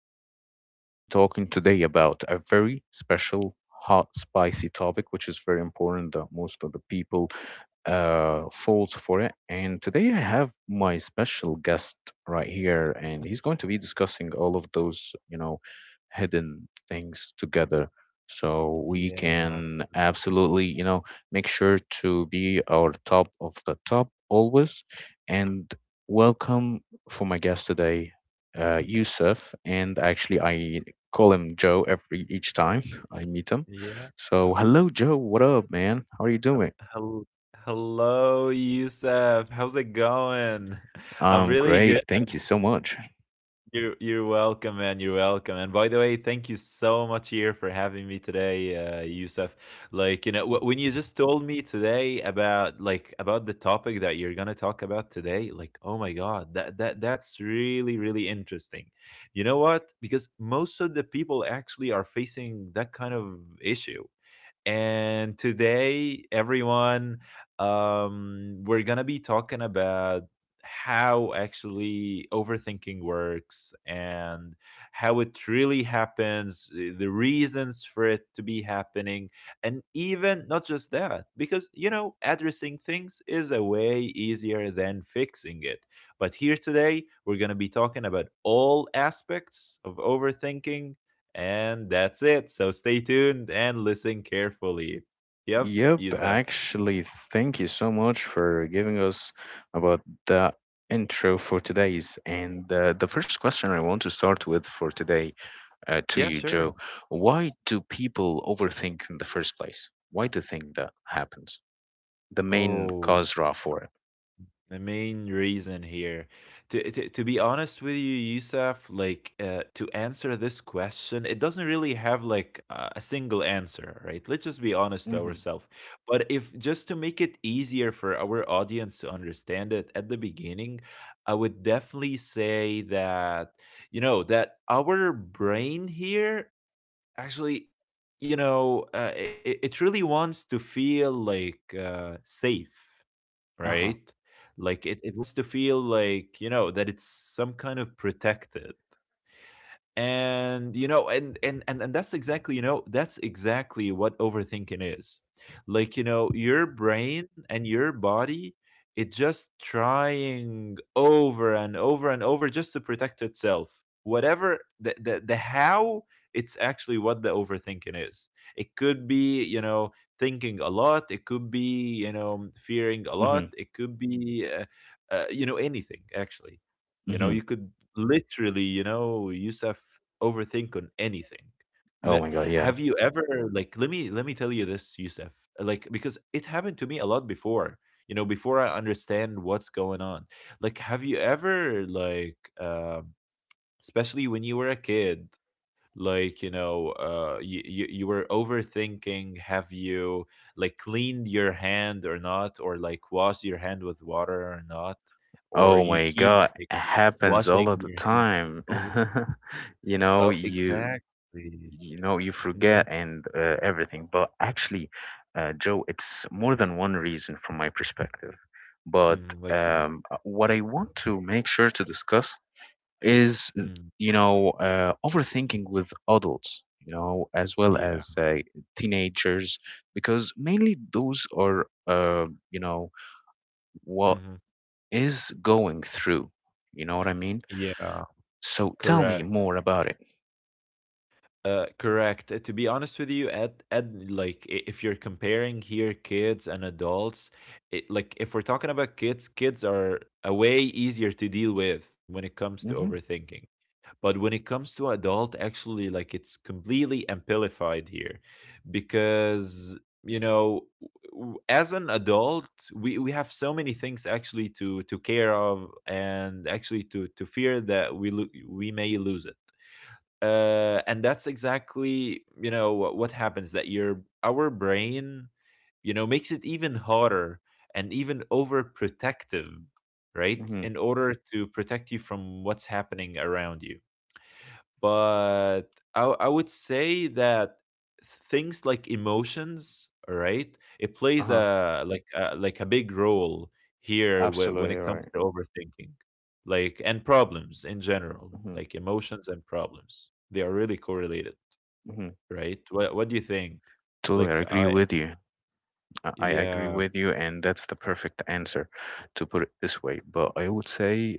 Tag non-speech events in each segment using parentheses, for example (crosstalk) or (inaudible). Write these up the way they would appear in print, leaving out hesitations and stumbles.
We are going to be talking today about a very special, hot, spicy topic, which is very important that most of the people falls for it. And today I have my special guest right here, and he's going to be discussing all of those hidden things together. So we Yeah, can absolutely make sure to be our top of the top always. And welcome for my guest today, Yusuf. And actually, I call him Joe every each time (laughs) I meet him. yeah. So hello, Joe. What up, man? How are you Hel doing? hel Hello, Yusuf. How's it going? (laughs) I'm really Great. good. Thank you so much. You're welcome, man. You're welcome. And by the way, thank you so much here for having me today, Yusuf. Like, you know, when you just told me today about about the topic that you're gonna talk about today, like, oh my God, that's really interesting. You know what? Because most of the people actually are facing that kind of issue, and today everyone, we're gonna be talking about how actually overthinking works, and how it really happens, the reasons for it to be happening. And even not just that, because you know, addressing things is a way easier than fixing it, but here today we're going to be talking about all aspects of overthinking, and that's it. So stay tuned and listen carefully. Yep, Yep, Yusuf. actually, thank you so much for giving us about the intro for today's. And the first question I want to start with for today to Yeah, you, sure. Joe, why do people overthink in the first place? Why do you think that happens? The main Oh, cause raw for it. the main reason here, to be honest with you, Yusuf, like to answer this question, it doesn't really have like a single answer, right? Let's just be honest to Hmm. ourselves. But if just to make it easier for our audience to understand it at the beginning, I would definitely say that, you know, that our brain here actually, you know, it really wants to feel like, safe, Uh-huh. right? Like it wants to feel like, you know, that it's some kind of protected. And you know, and that's exactly, you know, that's exactly what overthinking is. Like, you know, your brain and your body, it just trying over and over and over just to protect itself, whatever the how. It's actually what the overthinking is. It could be, you know, thinking a lot. It could be, you know, fearing a lot. Mhm, It could be you know, anything actually. You know, mhm. you could literally, you know, Youssef, overthink on anything. Oh Le my god, Have yeah. you ever, like, let me tell you this, Youssef, like, because it happened to me a lot before, you know, before I understand what's going on. Like, have you ever like, especially when you were a kid, like, you know, you you were overthinking, have you like cleaned your hand or not, or like washed your hand with water or not, or Oh you my keep god, like it happens all washing of the your hand. time. (laughs) You know, Oh, you exactly. you know you Mhm, forget and everything. But actually, Joe, it's more than one reason from my perspective. But mhm, like, um what I want to make sure to discuss is, mm, overthinking with adults. As well yeah, as teenagers, because mainly those are, uh, you know, what mhm, is going through. You know what I mean? yeah, So tell me correct, more about it. Correct, to be honest with you, at like, I if you're comparing here kids and adults, it like, if we're talking about kids, kids are a way easier to deal with when it comes to Mm-hmm. overthinking. But when it comes to adult, actually, like it's completely amplified here, because, you know, as an adult, we have so many things actually to care of, and actually to fear that we, we may lose it. And that's exactly, you know, what happens, that your, our brain, you know, makes it even harder and even overprotective, right? Mm-hmm. In order to protect you from what's happening around you. But I would say that things like emotions, right, it plays Uh-huh. Like a big role here, when Absolutely it comes right. to overthinking, like, and problems in general, Mm-hmm. like emotions and problems, they are really correlated, Mm-hmm. right? What do you think? Totally, I Like agree I with you. I agree Yeah, with you, and that's the perfect answer to put it this way. But I would say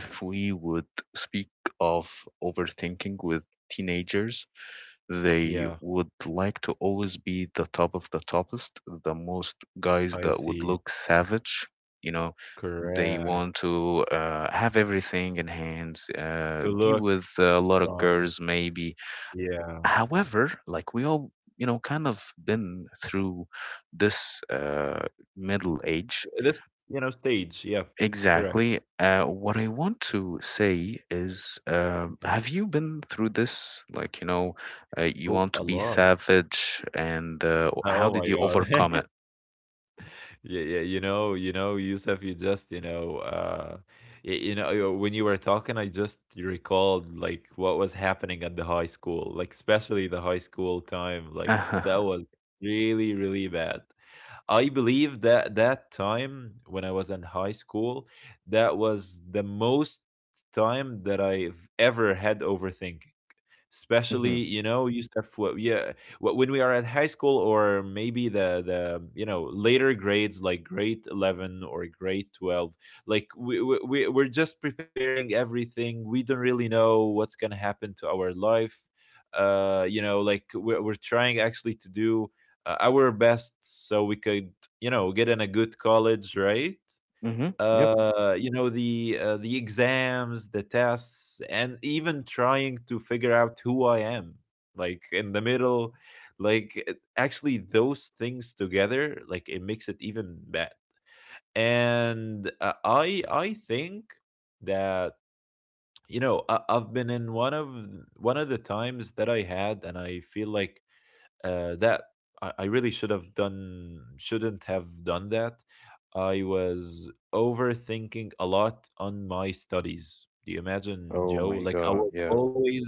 if we would speak of overthinking with teenagers, they yeah, would like to always be the top of the toppest, the most guys I that would see. look savage. You know, they want Correct. to have everything in hands, To be look with a lot of strong, girls, maybe. yeah. However, like we all kind of been through this middle age. this You know, stage, yeah. Correct. Exactly. What I want to say is, Mm-hmm. have you been through this? You Oh, want a to be lot. savage, and how Oh did my you overcome god. it? (laughs) Yeah, yeah, you know, Yusuf, you just, you know, you know, when you were talking, I just recalled like what was happening at the high school, like especially the high school time, like that (laughs) was really, really bad. I believe that that time when I was in high school, that was the most time that I've ever had overthinking. Especially, Mm-hmm. you know, you stuff what, yeah, when we are at high school, or maybe the you know, later grades, like grade 11 or grade 12. Like we're just preparing everything, we don't really know what's going to happen to our life. Uh, you know, like we're trying actually to do, our best, so we could, you know, get in a good college, right? Mm-hmm. Yep. The exams, the tests, and even trying to figure out who I am, like in the middle. Like actually those things together, like it makes it even bad. And I think that, you know, I've been in one of, one of the times that I had, and I feel like, that I really should have done shouldn't have done that. I was overthinking a lot on my studies. Do you imagine, Oh Joe, my like I was God. Yeah. always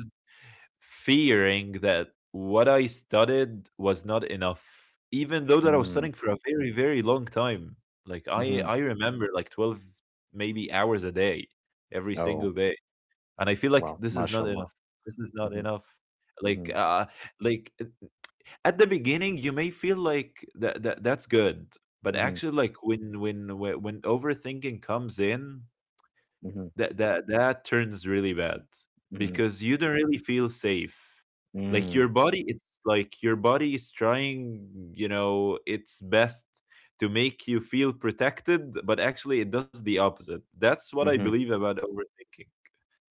fearing that what I studied was not enough, even though that I was Mm. studying for a very very long time. Like i Mm-hmm. i remember like 12 maybe hours a day, every single Oh, day, and I feel like wow. this is not enough, MashaAllah. this is not Mm-hmm. enough. like Mm-hmm. uh like at the beginning, you may feel like that's good, but Mm-hmm. actually, like when overthinking comes in, Mm-hmm. That turns really bad, Mm-hmm. because you don't really feel safe. Like your Mm-hmm. body, it's like your body is trying, you know, its best to make you feel protected, but actually, it does the opposite. That's what I believe about overthinking.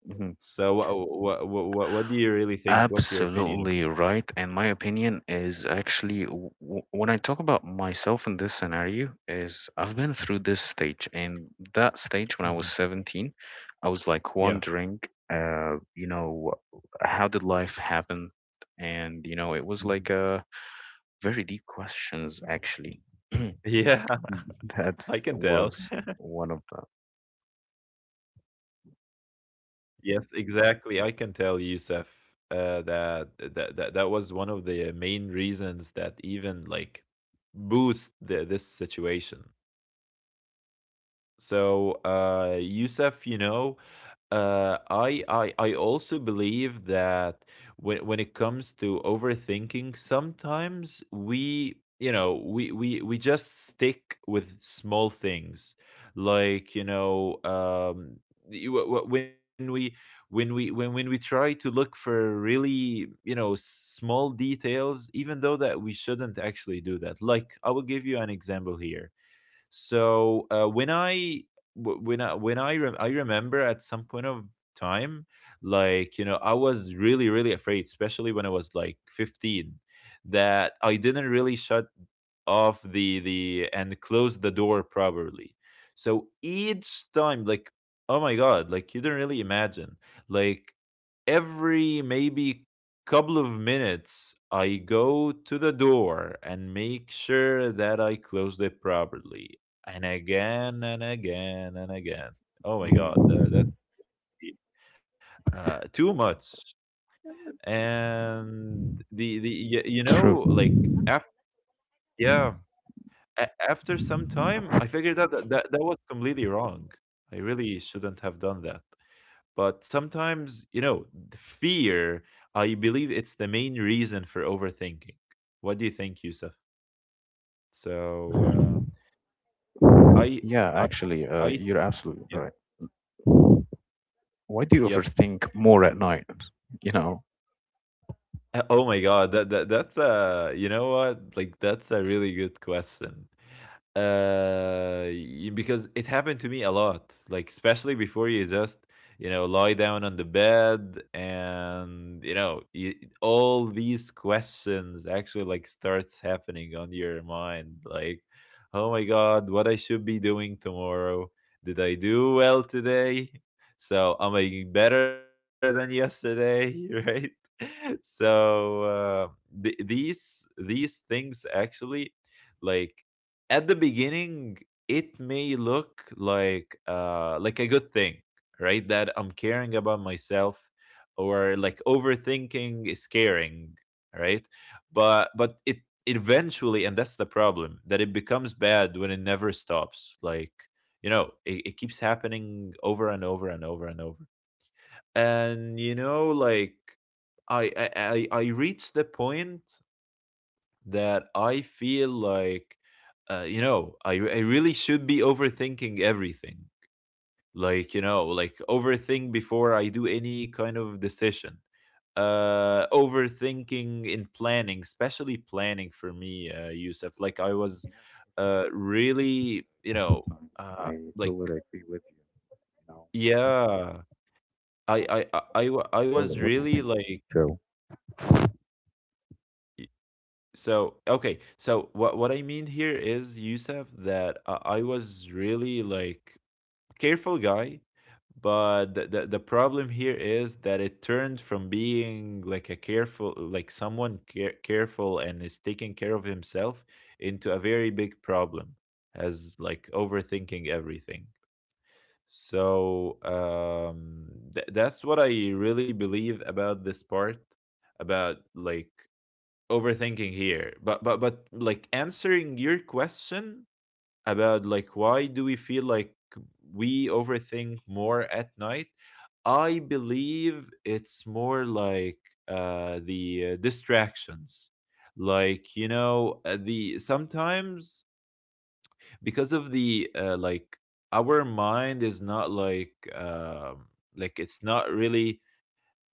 Mm-hmm. So, what do you really think? What's your opinion? Absolutely right. And my opinion is actually when I talk about myself in this scenario is I've been through this stage and that stage when I was Mhm. 17. I was like Yeah. wondering, uh, you know, how did life happen? It was like a Mhm. very deep questions actually. (clears throat) (laughs) Yeah. That I can tell. was (laughs) one of the— Yes, exactly. I can tell, Yusuf, that, that was one of the main reasons that even like boost this situation. So, Yusuf, you know, uh, I also believe that when it comes to overthinking, sometimes we, you know, we just stick with small things, like, you know, you- wh- wh- when we when we try to look for really, you know, small details, even though that we shouldn't actually do that. Like I will give you an example here. So when I w- when I rem I remember at some point of time, like, you know, I was really really afraid, especially when I was like 15, that I didn't really shut off the and close the door properly. So each time, like, oh my god, like you do not really imagine, like every maybe couple of minutes, I go to the door and make sure that I closed it properly. And again and again and again. Oh my god, Mhm. that's too much. And you know, True. like after, yeah, after some time, I figured out that, that was completely wrong. I really shouldn't have done that. But sometimes, you know, the fear, I believe it's the main reason for overthinking. What do you think, Yusuf? So uh, I Yeah, I actually, I you're absolutely yeah, right. Why do you yep. overthink more at night? You know, oh my god, that's, uh, you know what? Like that's a really good question. Because it happened to me a lot. Like especially before you just, you know, lie down on the bed, and you know, you, all these questions actually like starts happening on your mind, like, oh my god, what I should be doing tomorrow? Did I do well today? So am I better than yesterday, (laughs) right. (laughs) So these things actually, like at the beginning, it may look like a good thing, right, that I'm caring about myself, or like overthinking is caring, right? But it, eventually, and that's the problem, that it becomes bad when it never stops. Like, you know, it keeps happening over and over and over and over. And you know, like I reached the point that I feel like, you know, I really should be overthinking everything. Like, you know, like overthink before I do any kind of decision. Overthinking in planning, especially planning, for me, Yusuf. Like I was, really, you know, Sometimes uh, I like, totally agree with you. Know, that's yeah, I control it. was What do you really think, like. Joe? So okay, so what I mean here is, Yusuf, that I was really like careful guy, but the problem here is that it turned from being like a careful, like someone careful and is taking care of himself, into a very big problem, as like overthinking everything. So um that's what I really believe about this part about overthinking here, but answering your question about like why do we feel like we overthink more at night. I believe it's more like the distractions. Like you know the Sometimes because of the like our mind is not really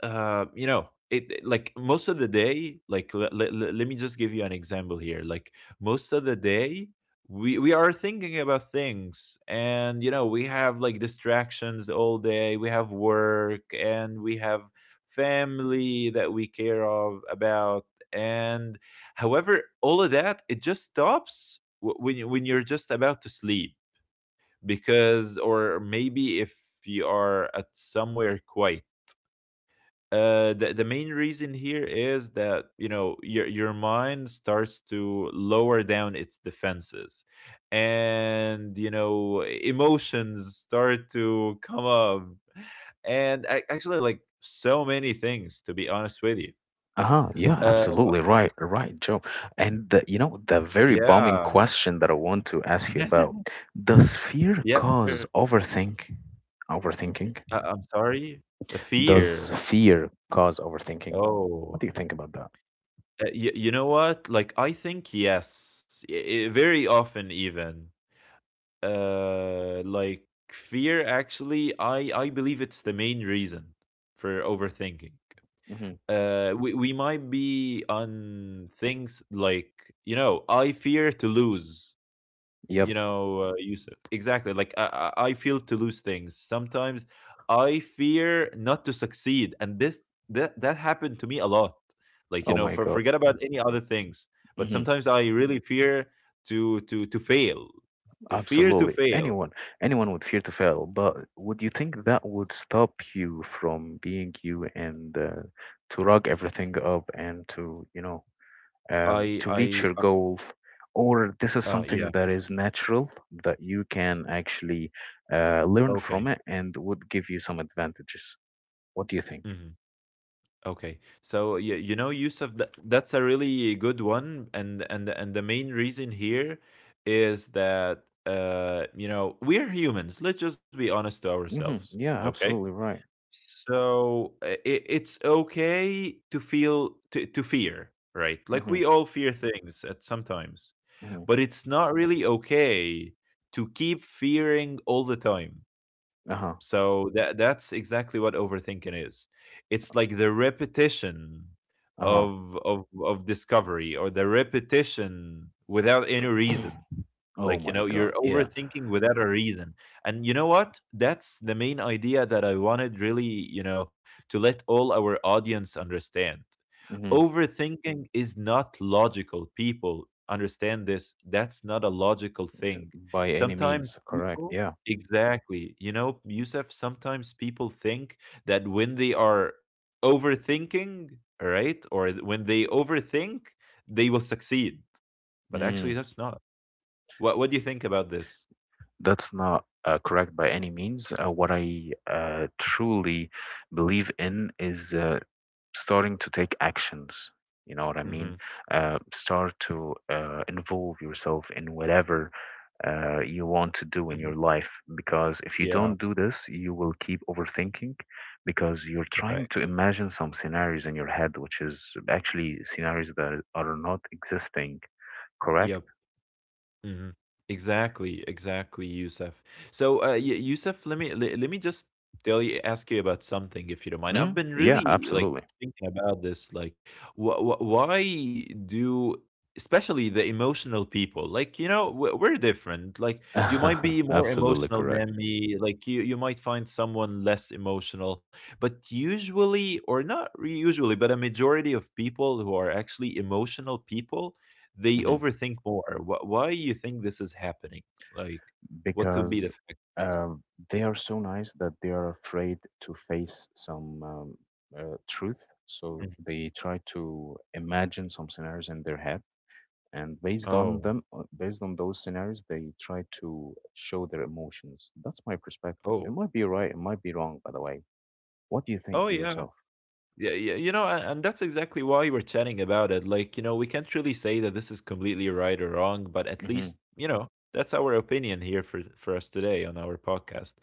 you know, it like most of the day. Like, let me just give you an example here. Like most of the day, we are thinking about things, and you know, we have like distractions all day. We have work, and we have family that we care of about. And however, all of that, it just stops when you're just about to sleep, because, or maybe if you are at somewhere quiet, the main reason here is that, you know, your mind starts to lower down its defenses, and you know, emotions start to come up, and I actually like so many things, to be honest with you. Uh-huh. Yeah, Uh, absolutely right. Right, Joe. And the very bombing yeah, question that I want to ask you about, (laughs) does fear yeah. cause Sure. overthink? Overthinking? I'm sorry. The Does fear. fear cause overthinking? Oh, What do you think about that? You know what? Like I think yes, very often even. uh like Fear actually, I believe it's the main reason for overthinking. Hmm. We might be on things like, you know, I fear to lose, Yep. Yusuf. Exactly, like I feel to lose things sometimes. I fear not to succeed, and this, that happened to me a lot. Like, you Oh know, my for God. forget about any other things, but Mhm. sometimes I really fear to fail. To fear to Absolutely. fail. Anyone, anyone would fear to fail, but would you think that would stop you from being you and to rug everything up and to, you know, um, to I reach your goal? Or this is Yeah. something that is natural that you can actually learn Okay. from it and would give you some advantages. What do you think? Hmm. Okay. So you know, Yusuf, that that's a really good one, and the main reason here is that, you know, we're humans. Let's just be honest to Hmm. ourselves. Yeah, Okay. absolutely right. So it, it's okay to feel, to fear, right? Like Hmm. we all fear things at sometimes, Hmm. but it's not really okay to keep fearing all the time. Uh-huh. So that that's exactly what overthinking is. It's like the repetition Uh-huh. Of discovery, or the repetition without any reason. Oh Like, you my know, you're God. Yeah. overthinking without a reason. And you know what? That's the main idea that I wanted, really, you know, to let all our audience understand. Hmm. Overthinking is not logical. People, understand this. That's not a logical thing. By any Sometimes means, correct. people, Yeah. exactly, you know, Yusuf, sometimes people think that when they are overthinking, all right, or when they overthink, they will succeed. But actually, Mm. that's not. What do you think about this? That's not correct by any means. What I truly believe in is starting to take actions. You know what I Hmm. mean? Start to involve yourself in whatever you want to do in Hmm. your life. Because if you Yeah, don't do this, you will keep overthinking because you're trying correct. to imagine some scenarios in your head, which is actually scenarios that are not existing, correct? Yep. Mhm. Exactly, exactly, Yusuf. So, Yusuf, let me just tell you, ask you about something, if you don't mind. I've Mm, been yeah, really like absolutely. thinking about this, like, why do, especially the emotional people, like you know, we're different. Like, you might be (laughs) more Absolutely emotional correct. than me. Like, you might find someone less emotional, but usually, or not re- usually, but a majority of people who are actually emotional people, they Hmm. overthink more. Why you think this is happening? Like, what could be the because fact? um, they are so nice that they are afraid to face some truth. Mhm. So they try to imagine some scenarios in their head, and Oh, based on those scenarios, they try to show their emotions. That's my perspective. oh, It might be right, it might be wrong, by the way. What do you oh, think yeah. yourself? Yeah, yeah, you know, and that's exactly why we were chatting about it. Like, you know, we can't really say that this is completely right or wrong, but at Hmm. least, you know, that's our opinion here for us today on our podcast.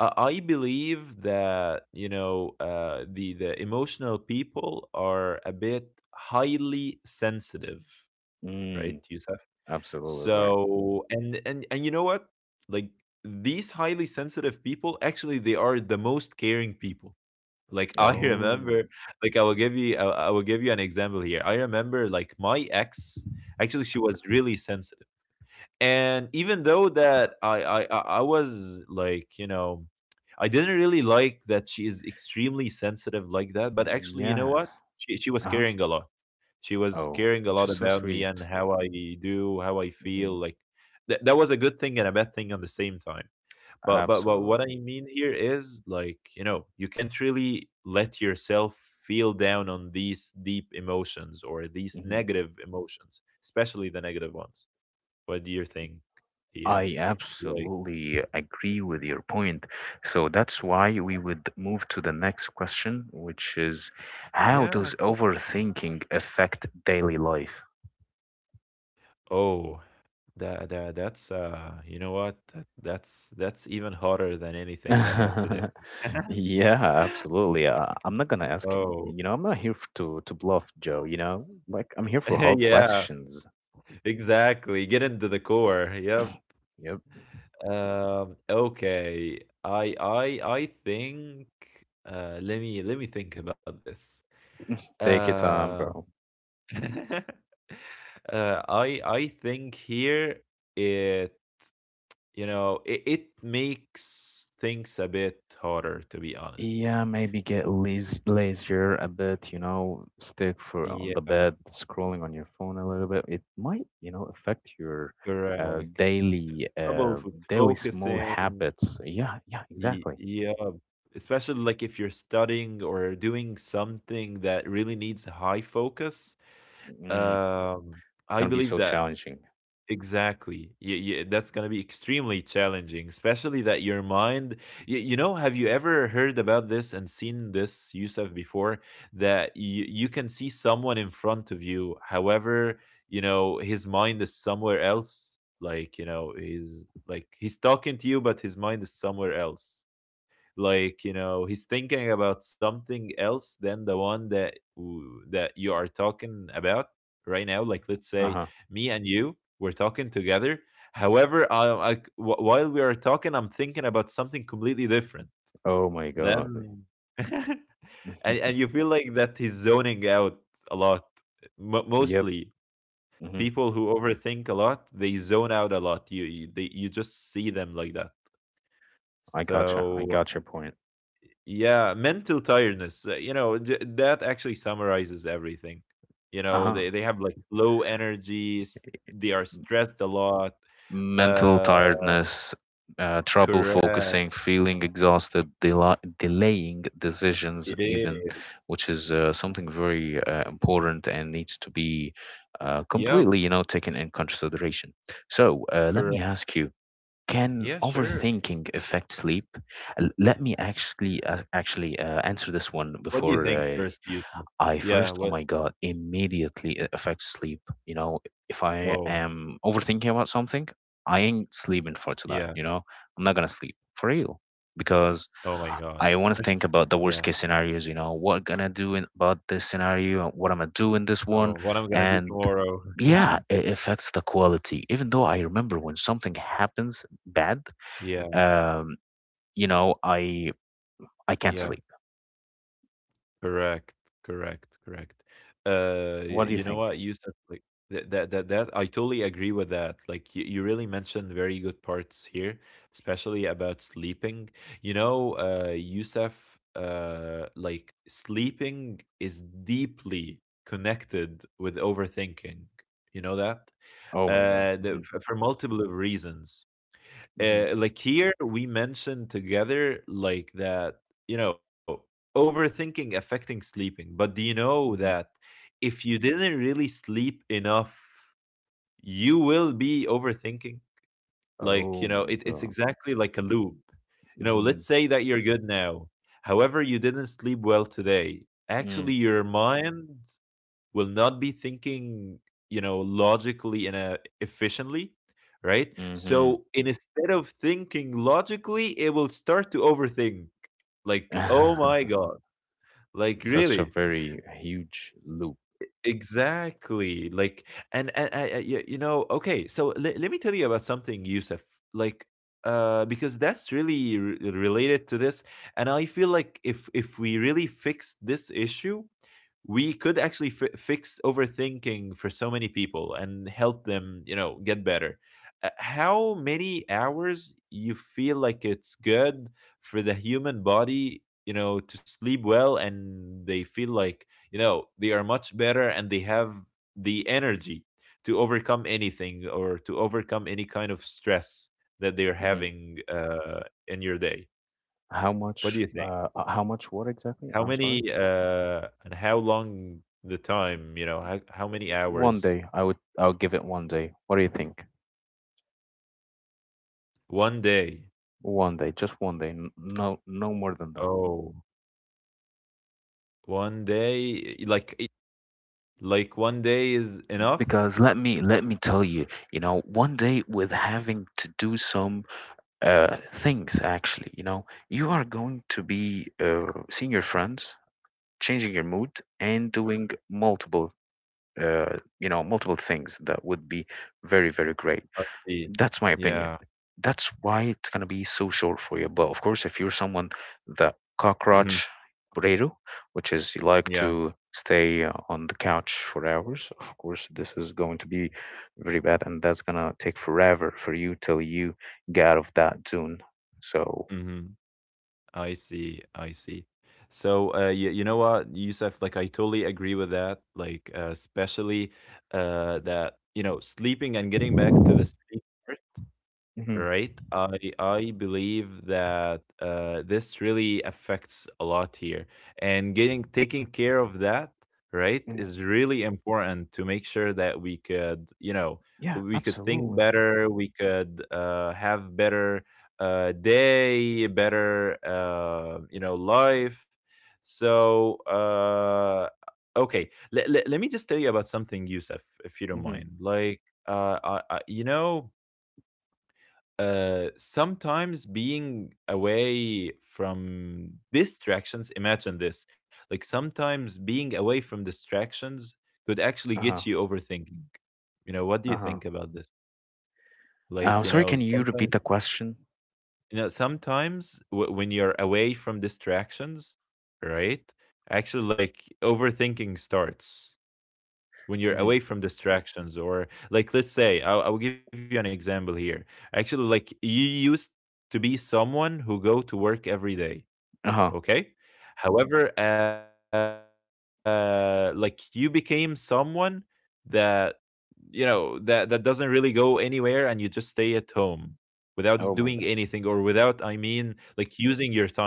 I believe that, you know, the emotional people are a bit highly sensitive, right? Mm, You. absolutely right. So and you know what? Like these highly sensitive people, actually, they are the most caring people. Like I (laughs) Oh, remember, like I will give you, I will give you an example here. I remember, like my ex, actually, she was really sensitive, and even though that I was like, you know, I didn't really like that she is extremely sensitive like that, but actually, you know what, yes. She was Uh-huh. caring a lot. She was Oh, caring a which lot is so about me and sweet. how I do, how I feel Hmm. like. That that was a good thing and a bad thing at the same time. But what Absolutely. I mean here is, like, you know, you can't really let yourself feel down on these deep emotions, or these Hmm. negative emotions, especially the negative ones. What do you think here? I Like, absolutely agree with your point. So that's why we would move to the next question, which is how yeah, does overthinking affect daily life? oh, that that that's you know what? That, that's even hotter than anything I had today. (laughs) (laughs) Yeah, absolutely. I'm not gonna ask it. Oh, I'm not here to bluff, Joe. Like I'm here for (laughs) hard yeah, questions. exactly. Get into the core. Yep. Yep. Okay. I think let me think about this. Take your time, Uh, bro. (laughs) I think here, it, you know, it makes things a bit harder, to be honest. Yeah, maybe get lazier a bit, stick for on Yeah, the bed, scrolling on your phone a little bit. It might affect your uh, correct. daily uh, Trouble with daily small focusing. habits. Yeah, yeah, exactly. Yeah, especially like if you're studying or doing something that really needs high focus. Mm, Um, it's I gonna be believe so that challenging. exactly. Yeah, yeah, that's going to be extremely challenging, especially that your mind, you know, have you ever heard about this and seen this, Yusuf, before? That you can see someone in front of you, however, you know, his mind is somewhere else. Like, you know, he's like, he's talking to you, but his mind is somewhere else. Like, you know, he's thinking about something else than the one that that you are talking about right now. Like, let's say Uh-huh. me and you, we're talking together, however, while we are talking, I'm thinking about something completely different Oh my God. then. (laughs) and, (laughs) and you feel like that he's zoning out a lot. Mo Yep. Mostly Hmm. people who overthink a lot, they zone out a lot. You just see them like that. I gotcha. I So, got your point. yeah, mental tiredness. You know, that actually summarizes everything. You know, Uh-huh. They have like low energy, they are stressed a lot. Mental Uh, tiredness, trouble Correct. focusing, feeling exhausted, delaying It decisions, even, is. which is something very important and needs to be uh, Yeah, completely, you know, taken in consideration. So let me correct. ask you: Can Yeah, sure. overthinking affect sleep? Let me actually actually answer this one What do you before think first, Yusuf? I Yeah, first, what? oh my God, immediately it affects sleep. If I Oh, am overthinking about something, I ain't sleeping yeah. for tonight. I'm not gonna sleep for real Oh because my God. I Especially, want to think about yeah. the worst case scenarios. What gonna do in, about this scenario? And what I'm gonna do in this Oh, one? what I'm gonna do And tomorrow. (laughs) yeah, it affects the quality. Even though I remember when something happens bad, Yeah, um, you know, I I can't yeah. sleep. Correct, correct, correct. What do you You know think? what you said, like that, that I totally agree with that. Like you really mentioned very good parts here, especially about sleeping. You know, Yusuf, like sleeping is deeply connected with overthinking. You know that? Oh my God. Hmm. For multiple reasons, Hmm. Like here we mentioned together like that, you know, overthinking affecting sleeping. But do you know Hmm. that if you didn't really sleep enough, you will be overthinking? Like, you Oh know, my it, it's God. exactly like a loop. You know, Mm-hmm. let's say that you're good now, however, you didn't sleep well today. Actually, Mm, your mind will not be thinking, you know, logically and, efficiently, right? mm-hmm. So instead of thinking logically, it will start to overthink. Like, oh my (laughs) god, like, Such a really. very huge loop. Exactly, like, and you know, okay, so let me tell you about something, Yusuf. Like, because that's really related to this, and I feel like if we really fix this issue, we could actually fi fix overthinking for so many people and help them, you know, get better. How many hours you feel like it's good for the human body, you know, to sleep well, and they feel like, you know, they are much better and they have the energy to overcome anything, or to overcome any kind of stress that they're Hmm. having in your day? How What do much, you think? What exactly? How I'm sorry. many, and how long the time, you know, how many One hours? day, I'll give it one day. What do you think? One day. One day, just one day. No, no more than that. Oh, one day, eh, like like one day is enough? Because let me tell you, one day with having to do some things actually, you are going to be seeing your friends, changing your mood, and doing multiple you know multiple things that would be very very great. I see. That's my opinion. Yeah. That's why it's going to be so short for you, but of course if you're someone that Hmm. cockroach burrito, which is you like Yeah. to stay on the couch for hours, of course this is going to be very bad, and that's going to take forever for you till you get out of that zone. So, Hmm. I see. I see. So you, you know what, Yusuf, like I totally agree with that. Like, especially that, you know, sleeping and getting back to the sleep part, hmm. right. I believe that, this really affects a lot here, and getting taking care of that, right, Hmm. is really important to make sure that we could, you know, Yeah, we could think absolutely. better, we could, have better, day, better, you know, life. So, okay, let me just tell you about something, Yusuf, if you don't Hmm. mind. Like, I, you know, sometimes being away from distractions, imagine this, like sometimes being away from distractions could actually get you Uh-huh. overthinking. You know, what do you Uh-huh. Think about this? Huh. Like, Sorry, can you repeat the question? you know, sometimes when you're away from distractions, right? Actually, like overthinking starts when you're Hmm. away from distractions, or, like, let's say I'll give you an example here. Actually, like you used to be someone who go to work every day. Uh-huh. Okay, however, like you became someone that, you know, that doesn't really go anywhere, and you just stay at home without doing anything, Oh or my God. without, I mean, like, using your time.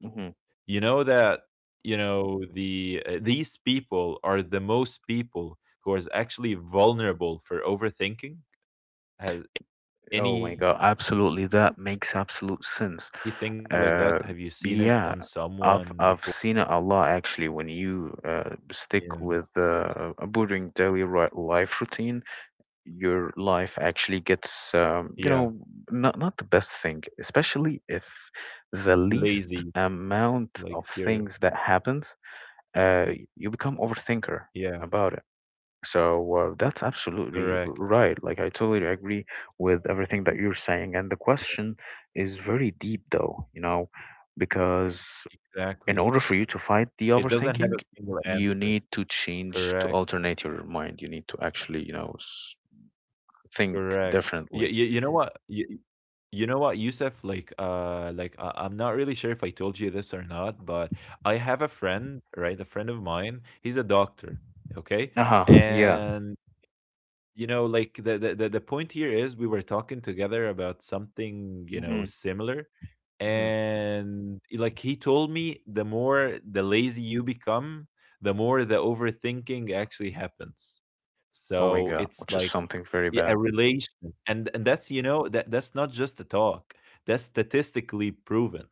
Mhm. You know that, you know, the these people are the most people who are actually vulnerable for overthinking? Has anything like Oh my that, God, have you seen it absolutely. on That makes someone absolute before? sense. Or Uh, yeah, I've seen it a lot actually when you stick with yeah. A boring life routine, your life actually gets Yeah. not the best thing, especially if the least Lazy. amount of Like things you're that happens, uh, you become overthinker yeah, about it. So that's absolutely correct. right. Like, I totally agree with everything that you're saying. And the Yeah, question is very deep, though, because in exactly. order for you to fight the It doesn't have a overthinking, single you answer. need to change to Correct. alternate your mind. You need to actually, think Correct. You, differently. you, you know what? You know what, Yusuf? Like I'm not really sure if I told you this or not, but I have a friend, right? A friend of mine. He's a doctor. Okay, Uh huh. Yeah. and you know, like the point here is we were talking together about something, you know, Hmm. similar, Hmm. and like he told me, the more the lazy you become, the more the overthinking actually happens. Oh my So God, it's which is like something very yeah, bad. a relation. And that's, you know, that's not just a talk. That's statistically proven.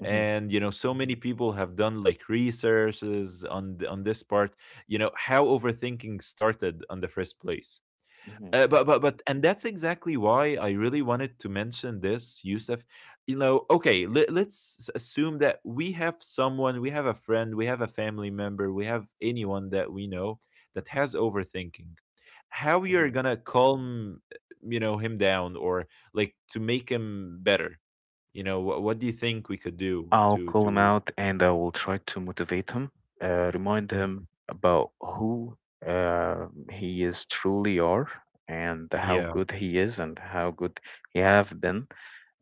Hmm. And you know, so many people have done like researches on on this part, you know, how overthinking started on the first place. Hmm. But and that's exactly why I really wanted to mention this, Yusuf. You know, okay, let's assume that we have someone, we have a friend, we have a family member, we have anyone that we know that has overthinking. How you're Hmm. gonna calm, you know, him down, or like to make him better. You know what do you think we could do I'll call him to out and I will try to motivate him, remind him Mhm. about who uh, he is truly are and how yeah good he is and how good he have been.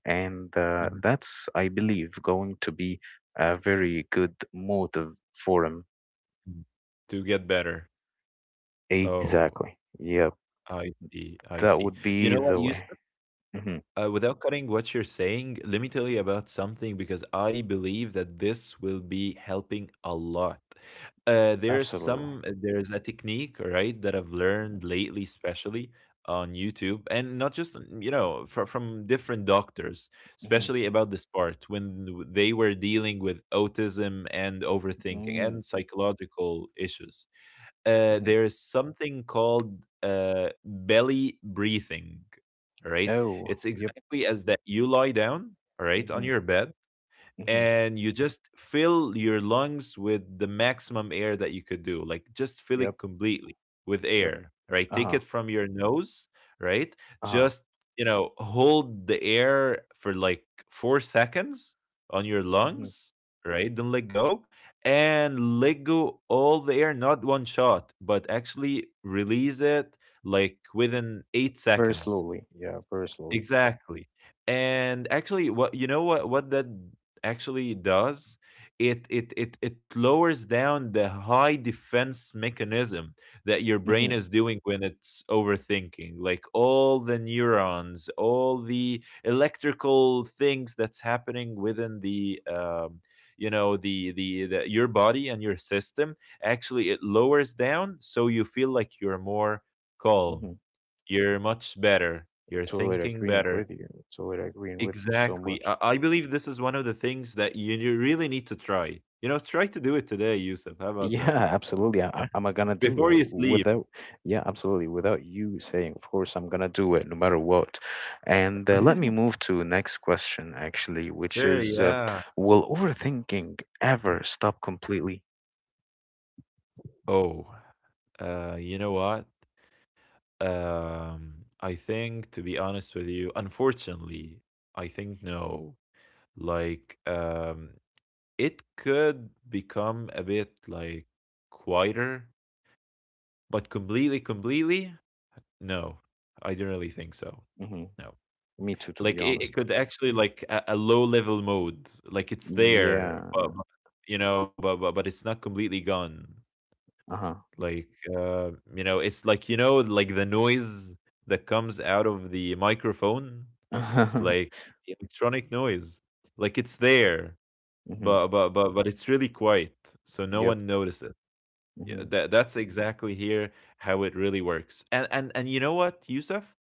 And Mhm. that's, I believe, going to be a very good motive for him. Mhm. to get better. Oh, Exactly. Yep. i see i That see would You be know what the you way. Hmm. Without cutting what you're saying, let me tell you about something, because I believe that this will be helping a lot. Absolutely. There is a technique, right, that I've learned lately, especially on YouTube, and not just mm, you know, from different doctors, Hmm. especially about this part when they were dealing with autism and overthinking Hmm. and psychological issues. Hmm. There's something called belly breathing, all right? Oh, It's yep. exactly as that you lie down, all right, on Hmm. your bed, Hmm. and you just fill your lungs with the maximum air that you could do, like just fill Yep. it completely with Yep. air, right? Take Uh-huh. it from your nose, right? Uh-huh. Just, you know, hold the air for like 4 seconds on your Mhm. lungs, right? Don't let go, and let go all the air, not one shot, but actually release it like within 8 Very seconds. slowly, yeah, very slowly. Exactly. And actually, what, you know, what that actually does? It lowers down the high defense mechanism that your Hmm. brain is doing when it's overthinking. Like all the neurons, all the electrical things that's happening within the you know, the your body and your system, actually it lowers down, so you feel like you're more calm, Hmm. you're much better. You're Totally thinking agreeing better. with you. Totally agreeing with you so Exactly. much. I believe this is one of the things that you really need to try. You know, try to do it today, Yusuf. How about Yeah, (laughs) that? absolutely. I'm gonna (laughs) do Before it you sleep. without. (laughs) Yeah, absolutely. Without you saying, of course, I'm gonna do it no matter what. And let me move to next question, actually, which Sure, is, yeah. will overthinking ever stop completely? Oh, you know what? I think, to be honest with you, unfortunately, I think no. Like, um, it could become a bit like quieter, but completely, no, I don't really think so. Hmm. No. Me too, to be Like, it honest. could actually like a low level mode, like, it's there, Yeah. but, you know, but but it's not completely gone. Uh huh. Like, you know, it's like, you know, like the noise that comes out of the microphone, like (laughs) electronic noise. Like, it's there, Hmm. but but it's really quiet, so no Yep. one notices it. Yeah, Hmm. that that's exactly here how it really works. And you know what, Yusuf.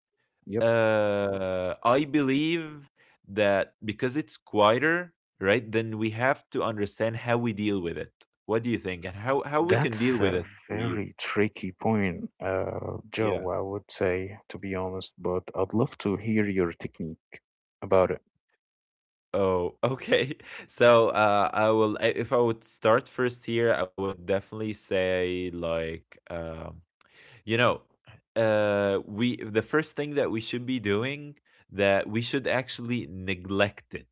Yep. I believe that because it's quieter, right? Then we have to understand how we deal with it. What do you think, and how we can deal That's with a it? You, very tricky point, yeah. Joe, I would say, to be honest, but I'd love to hear your technique about it. Oh, okay. (laughs) So, I will. If I would start first here, I would definitely say like, you know, we the first thing that we should be doing, that we should actually neglect it,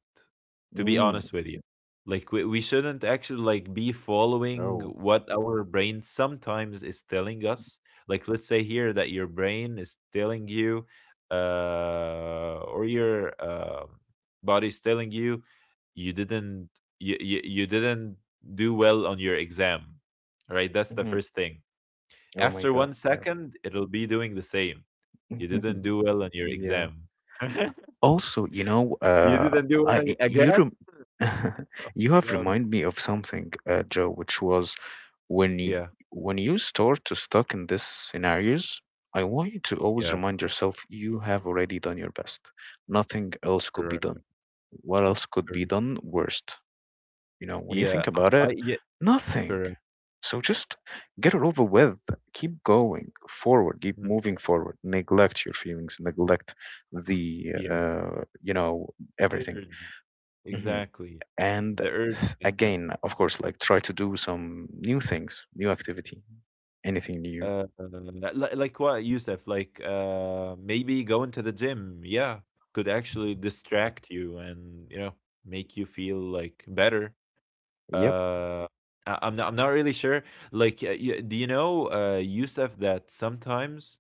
to be Mm, honest with you. Like we shouldn't actually like be following oh, what our brain sometimes is telling us. Like let's say here that your brain is telling you or your body is telling you you didn't, you didn't do well on your exam, right? That's the hmm. first thing. Oh my After God, 1 second, it'll be doing the same. You yeah. didn't (laughs) do well on your Yeah. exam. (laughs) Also, You didn't do well on- you again. rem (laughs) you have God. reminded me of something, Joe, which was when you, Yeah. when you start to stuck in these scenarios, I want you to always Yeah. remind yourself you have already done your best. Nothing else could be Correct. done. What else could be Correct. done worst? You know, when you Yeah. think about it, yeah. nothing. Correct. So just get it over with. Keep going forward. Keep Mm, moving forward. Neglect your feelings. Neglect the yeah. You know The everything. urge. Hmm Exactly. And The urge that again, happens. of course, like try to do some new things, new activity, anything new. Uh, like what, Yusuf? Like, maybe going to the gym. Yeah, could actually distract you and you know make you feel like better. Yep. uh I'm not really sure. Like, do you know, Yusuf, that sometimes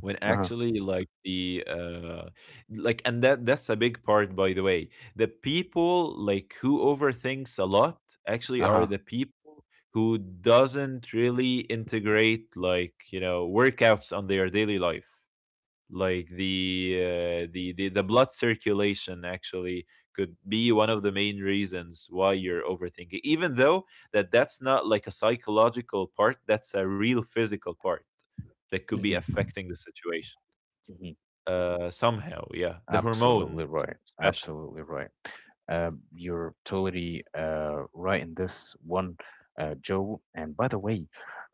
when Uh huh. actually like the like, and that that's a big part, by the way. The people like who overthinks a lot actually Uh are huh. the people who doesn't really integrate like, you know, workouts on their daily life. Like the blood circulation actually could be one of the main reasons why you're overthinking, even though that's not like a psychological part, that's a real physical part that could be hmm affecting the situation hmm somehow. Yeah, the hormones Absolutely right. especially Absolutely right. You're totally right in this one, Joe. And by the way,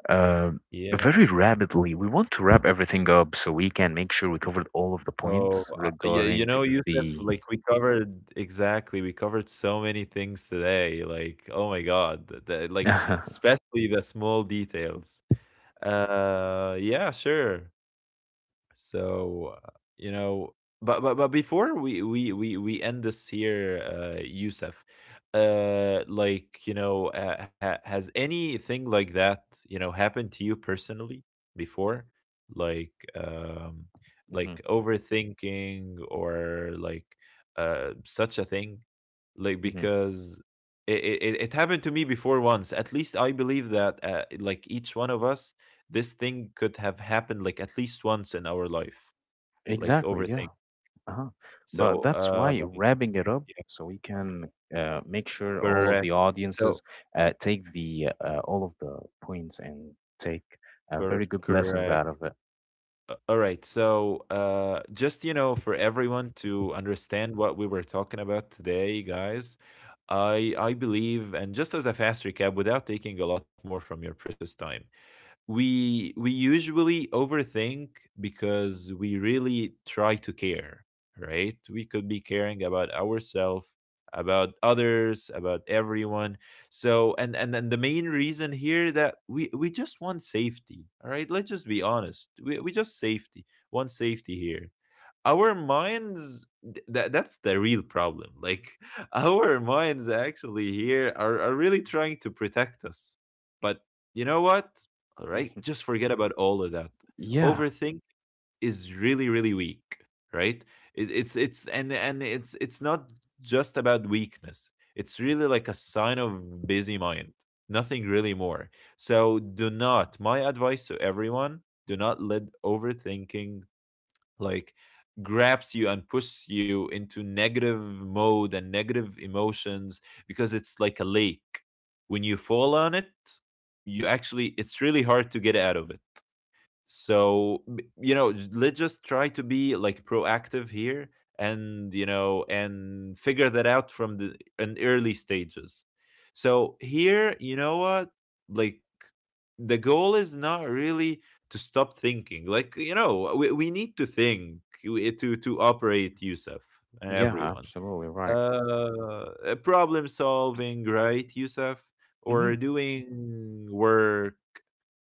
uh, yeah. very rapidly. We want to wrap everything up so we can make sure we covered all of the Oh, points yeah. You regarding know, Yusuf, the. like we covered exactly. We covered so many things today. Like, oh my God, the, (laughs) like hmm especially the small details. Yeah, sure. So, you know, but but before we end this here, Yusuf, like you know, has anything like that, you know, happened to you personally before, like um, like overthinking or like such a thing? Like, hmm because it, it happened to me before once at least. I believe that like each one of us, this thing could have happened like at least once in our life, like Exactly, yeah. overthink. Uh-huh. But So that's why wrapping it up yeah, so we can make sure all of the correct. audiences So take the all of the points and take very good lessons correct. out of it. All right, so just, you know, for everyone to understand what we were talking about today, guys, I believe, and just as a fast recap without taking a lot more from your precious time, we usually overthink because we really try to care, right? We could be caring about ourselves, about others, about everyone. So and the main reason here, that we just want safety, all right? Let's just be honest, we just safety want safety here. Our minds, that that's the real problem. Like, (laughs) our minds actually here are really trying to protect us. But you know what, all right, Mhm. just forget about all of that. Yeah, Overthink is really really weak, right? it, it's and it's it's not just about weakness, it's really like a sign of busy mind, nothing really more. So do not, my advice to everyone, do not let overthinking like grabs you and pushes you into negative mode and negative emotions, because it's like a lake. When you fall on it, you actually, it's really hard to get out of it. So you know, let's just try to be like proactive here, and you know, and figure that out from the an early stages. So here, you know what, like the goal is not really to stop thinking. Like, you know, we need to think, to operate, Yusuf, and yeah, everyone, absolutely right. uh, problem solving, right, Yusuf? hmm Or doing work,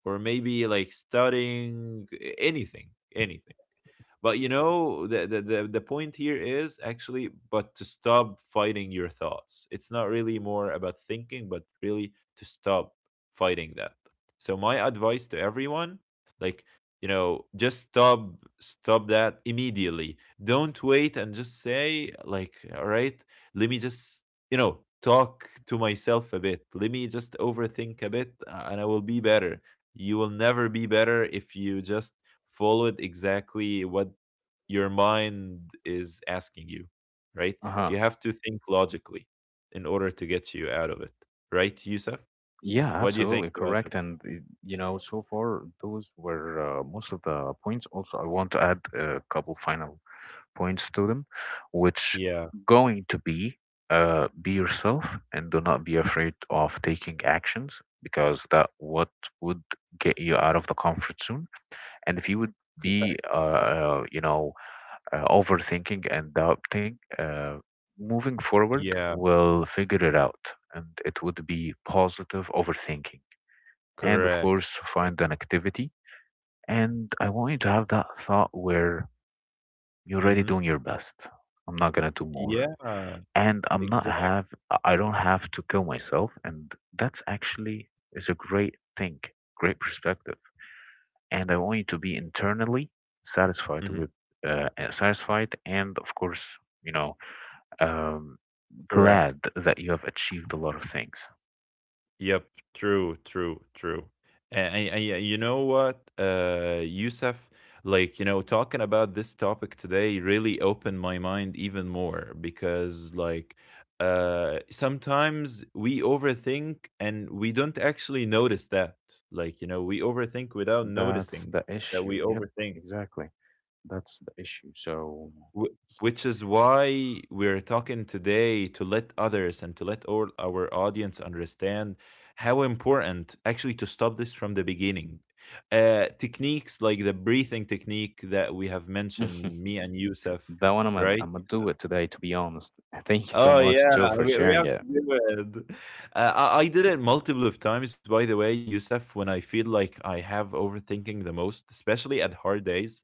or maybe like studying, anything, anything. But you know, the point here is actually, but to stop fighting your thoughts. It's not really more about thinking, but really to stop fighting that. So my advice to everyone, like you know, just stop that immediately. Don't wait and just say like, all right, let me just, you know, talk to myself a bit. Let me just overthink a bit, and I will be better. You will never be better if you just followed exactly what your mind is asking you, right? You Uh-huh. have to think logically in order to get you out of it, right, Yusuf? Yeah, What do you think absolutely about that? correct. And you know, so far those were most of the points. Also, I want to add a couple final points to them, which Yeah, going to be yourself and do not be afraid of taking actions because that what would get you out of the comfort zone. And if you would correct. be overthinking and doubting, moving forward Yeah, will figure it out, and it would be positive overthinking. And of correct. course, find an activity. And I want you to have that thought where you're already Mm-hmm. doing your best. I'm not gonna do more Yeah, and exact. I don't have to kill myself, and that's actually is a great thing, great perspective. And I want you to be internally satisfied Mm-hmm. with satisfied, and of course, you know, um, Correct. glad that you have achieved a lot of things. Yep. True. True. True. And yeah, you know what, Yusuf, like you know, talking about this topic today really opened my mind even more because, like, sometimes we overthink and we don't actually notice that. Like, you know, we overthink without That's noticing the that we issue. Yep, overthink. exactly. That's the issue. So Wh- Which is why we're talking today, to let others and to let all our audience understand how important actually to stop this from the beginning. Techniques like the breathing technique that we have mentioned, (laughs) me and Yusuf, That one Imma right? Imma do it today, to be honest. (laughs) Thank you so Oh much, yeah, Joe, for we sharing have it. to do it. I did it multiple of times, by the way, Yusuf, when I feel like I have overthinking the most, especially at hard days.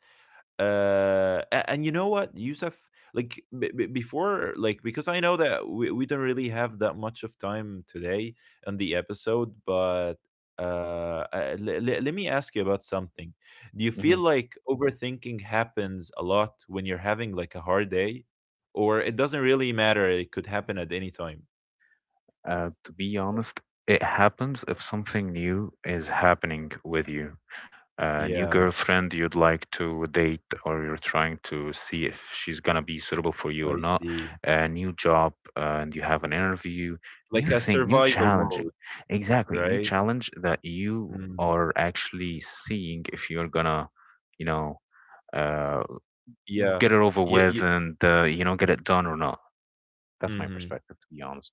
And you know what, Yusuf, like before, like, because I know that we don't really have that much of time today on the episode, but let me ask you about something. Do you feel Mhm. like overthinking happens a lot when you're having like a hard day, or it doesn't really matter, it could happen at any time? To be Like, honest, it happens if something new is happening with you. A new yeah, girlfriend you'd like to date, or you're trying to see if she's gonna be suitable for you or I not. see, A new job, and you have an interview. like New a thing, new survival mode, challenging. Exactly, new right. challenge that you Mm. are actually seeing if you're gonna, you know, uh, Yeah, get it over yeah, with and you know get it done or not. That's my yeah. perspective, to be honest.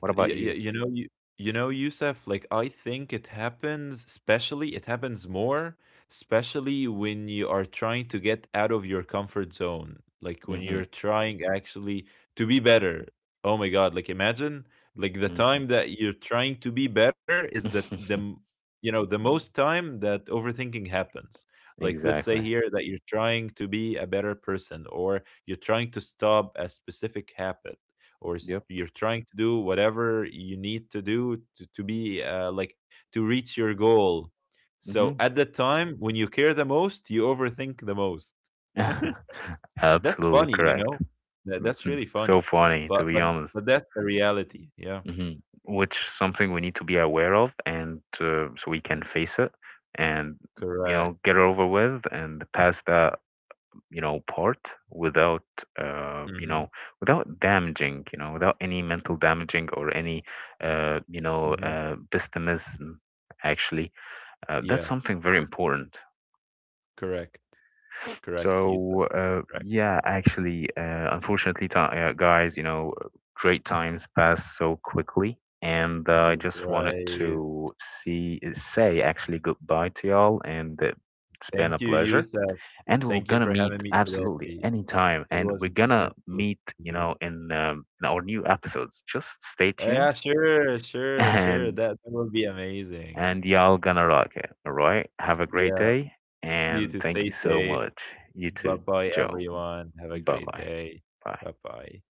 What Y about y you? you know, you know, Youssef, like I think it happens, especially it happens more, especially when you are trying to get out of your comfort zone. Like when Hmm you're trying actually to be better. Oh my God, like imagine like the hmm time that you're trying to be better is that you know, the most time that overthinking happens. (laughs) Like let's say exactly. here that you're trying to be a better person, or you're trying to stop a specific habit, Yep. you're trying to do whatever you need to do to be, like to reach your goal. So hmm at the time when you care the most, you overthink the most. (laughs) (laughs) That's Absolutely funny, you correct. know. That's Mhm. really funny. So funny, to But be honest. but that's the reality, yeah. Hmm Which something we need to be aware of, and so we can face it, and you know Correct. get it over with and pass that you know part without you know Hmm. without damaging, you know, without any mental damaging or any Hmm. Pessimism actually, that's Yeah, something very important. correct. Correct, Yusuf. So Correct. yeah, actually, unfortunately ti guys, you know, great times pass so quickly and I R- just wanted to right. see say actually goodbye to y'all and it's been Thank a you, pleasure, Yusuf. and Thank we're you gonna for having meet me absolutely today. anytime, It and was an we're gonna absolute meet, you pleasure. know, in our new episodes. Just stay tuned. Yeah, sure, sure, sure. and That that would be amazing. and y'all gonna rock it. All right, have a great Yeah, day. you And too. thank you Stay so safe. much, you Bye too, bye, Joe. everyone. Have a Bye great bye. day. Bye. Bye bye.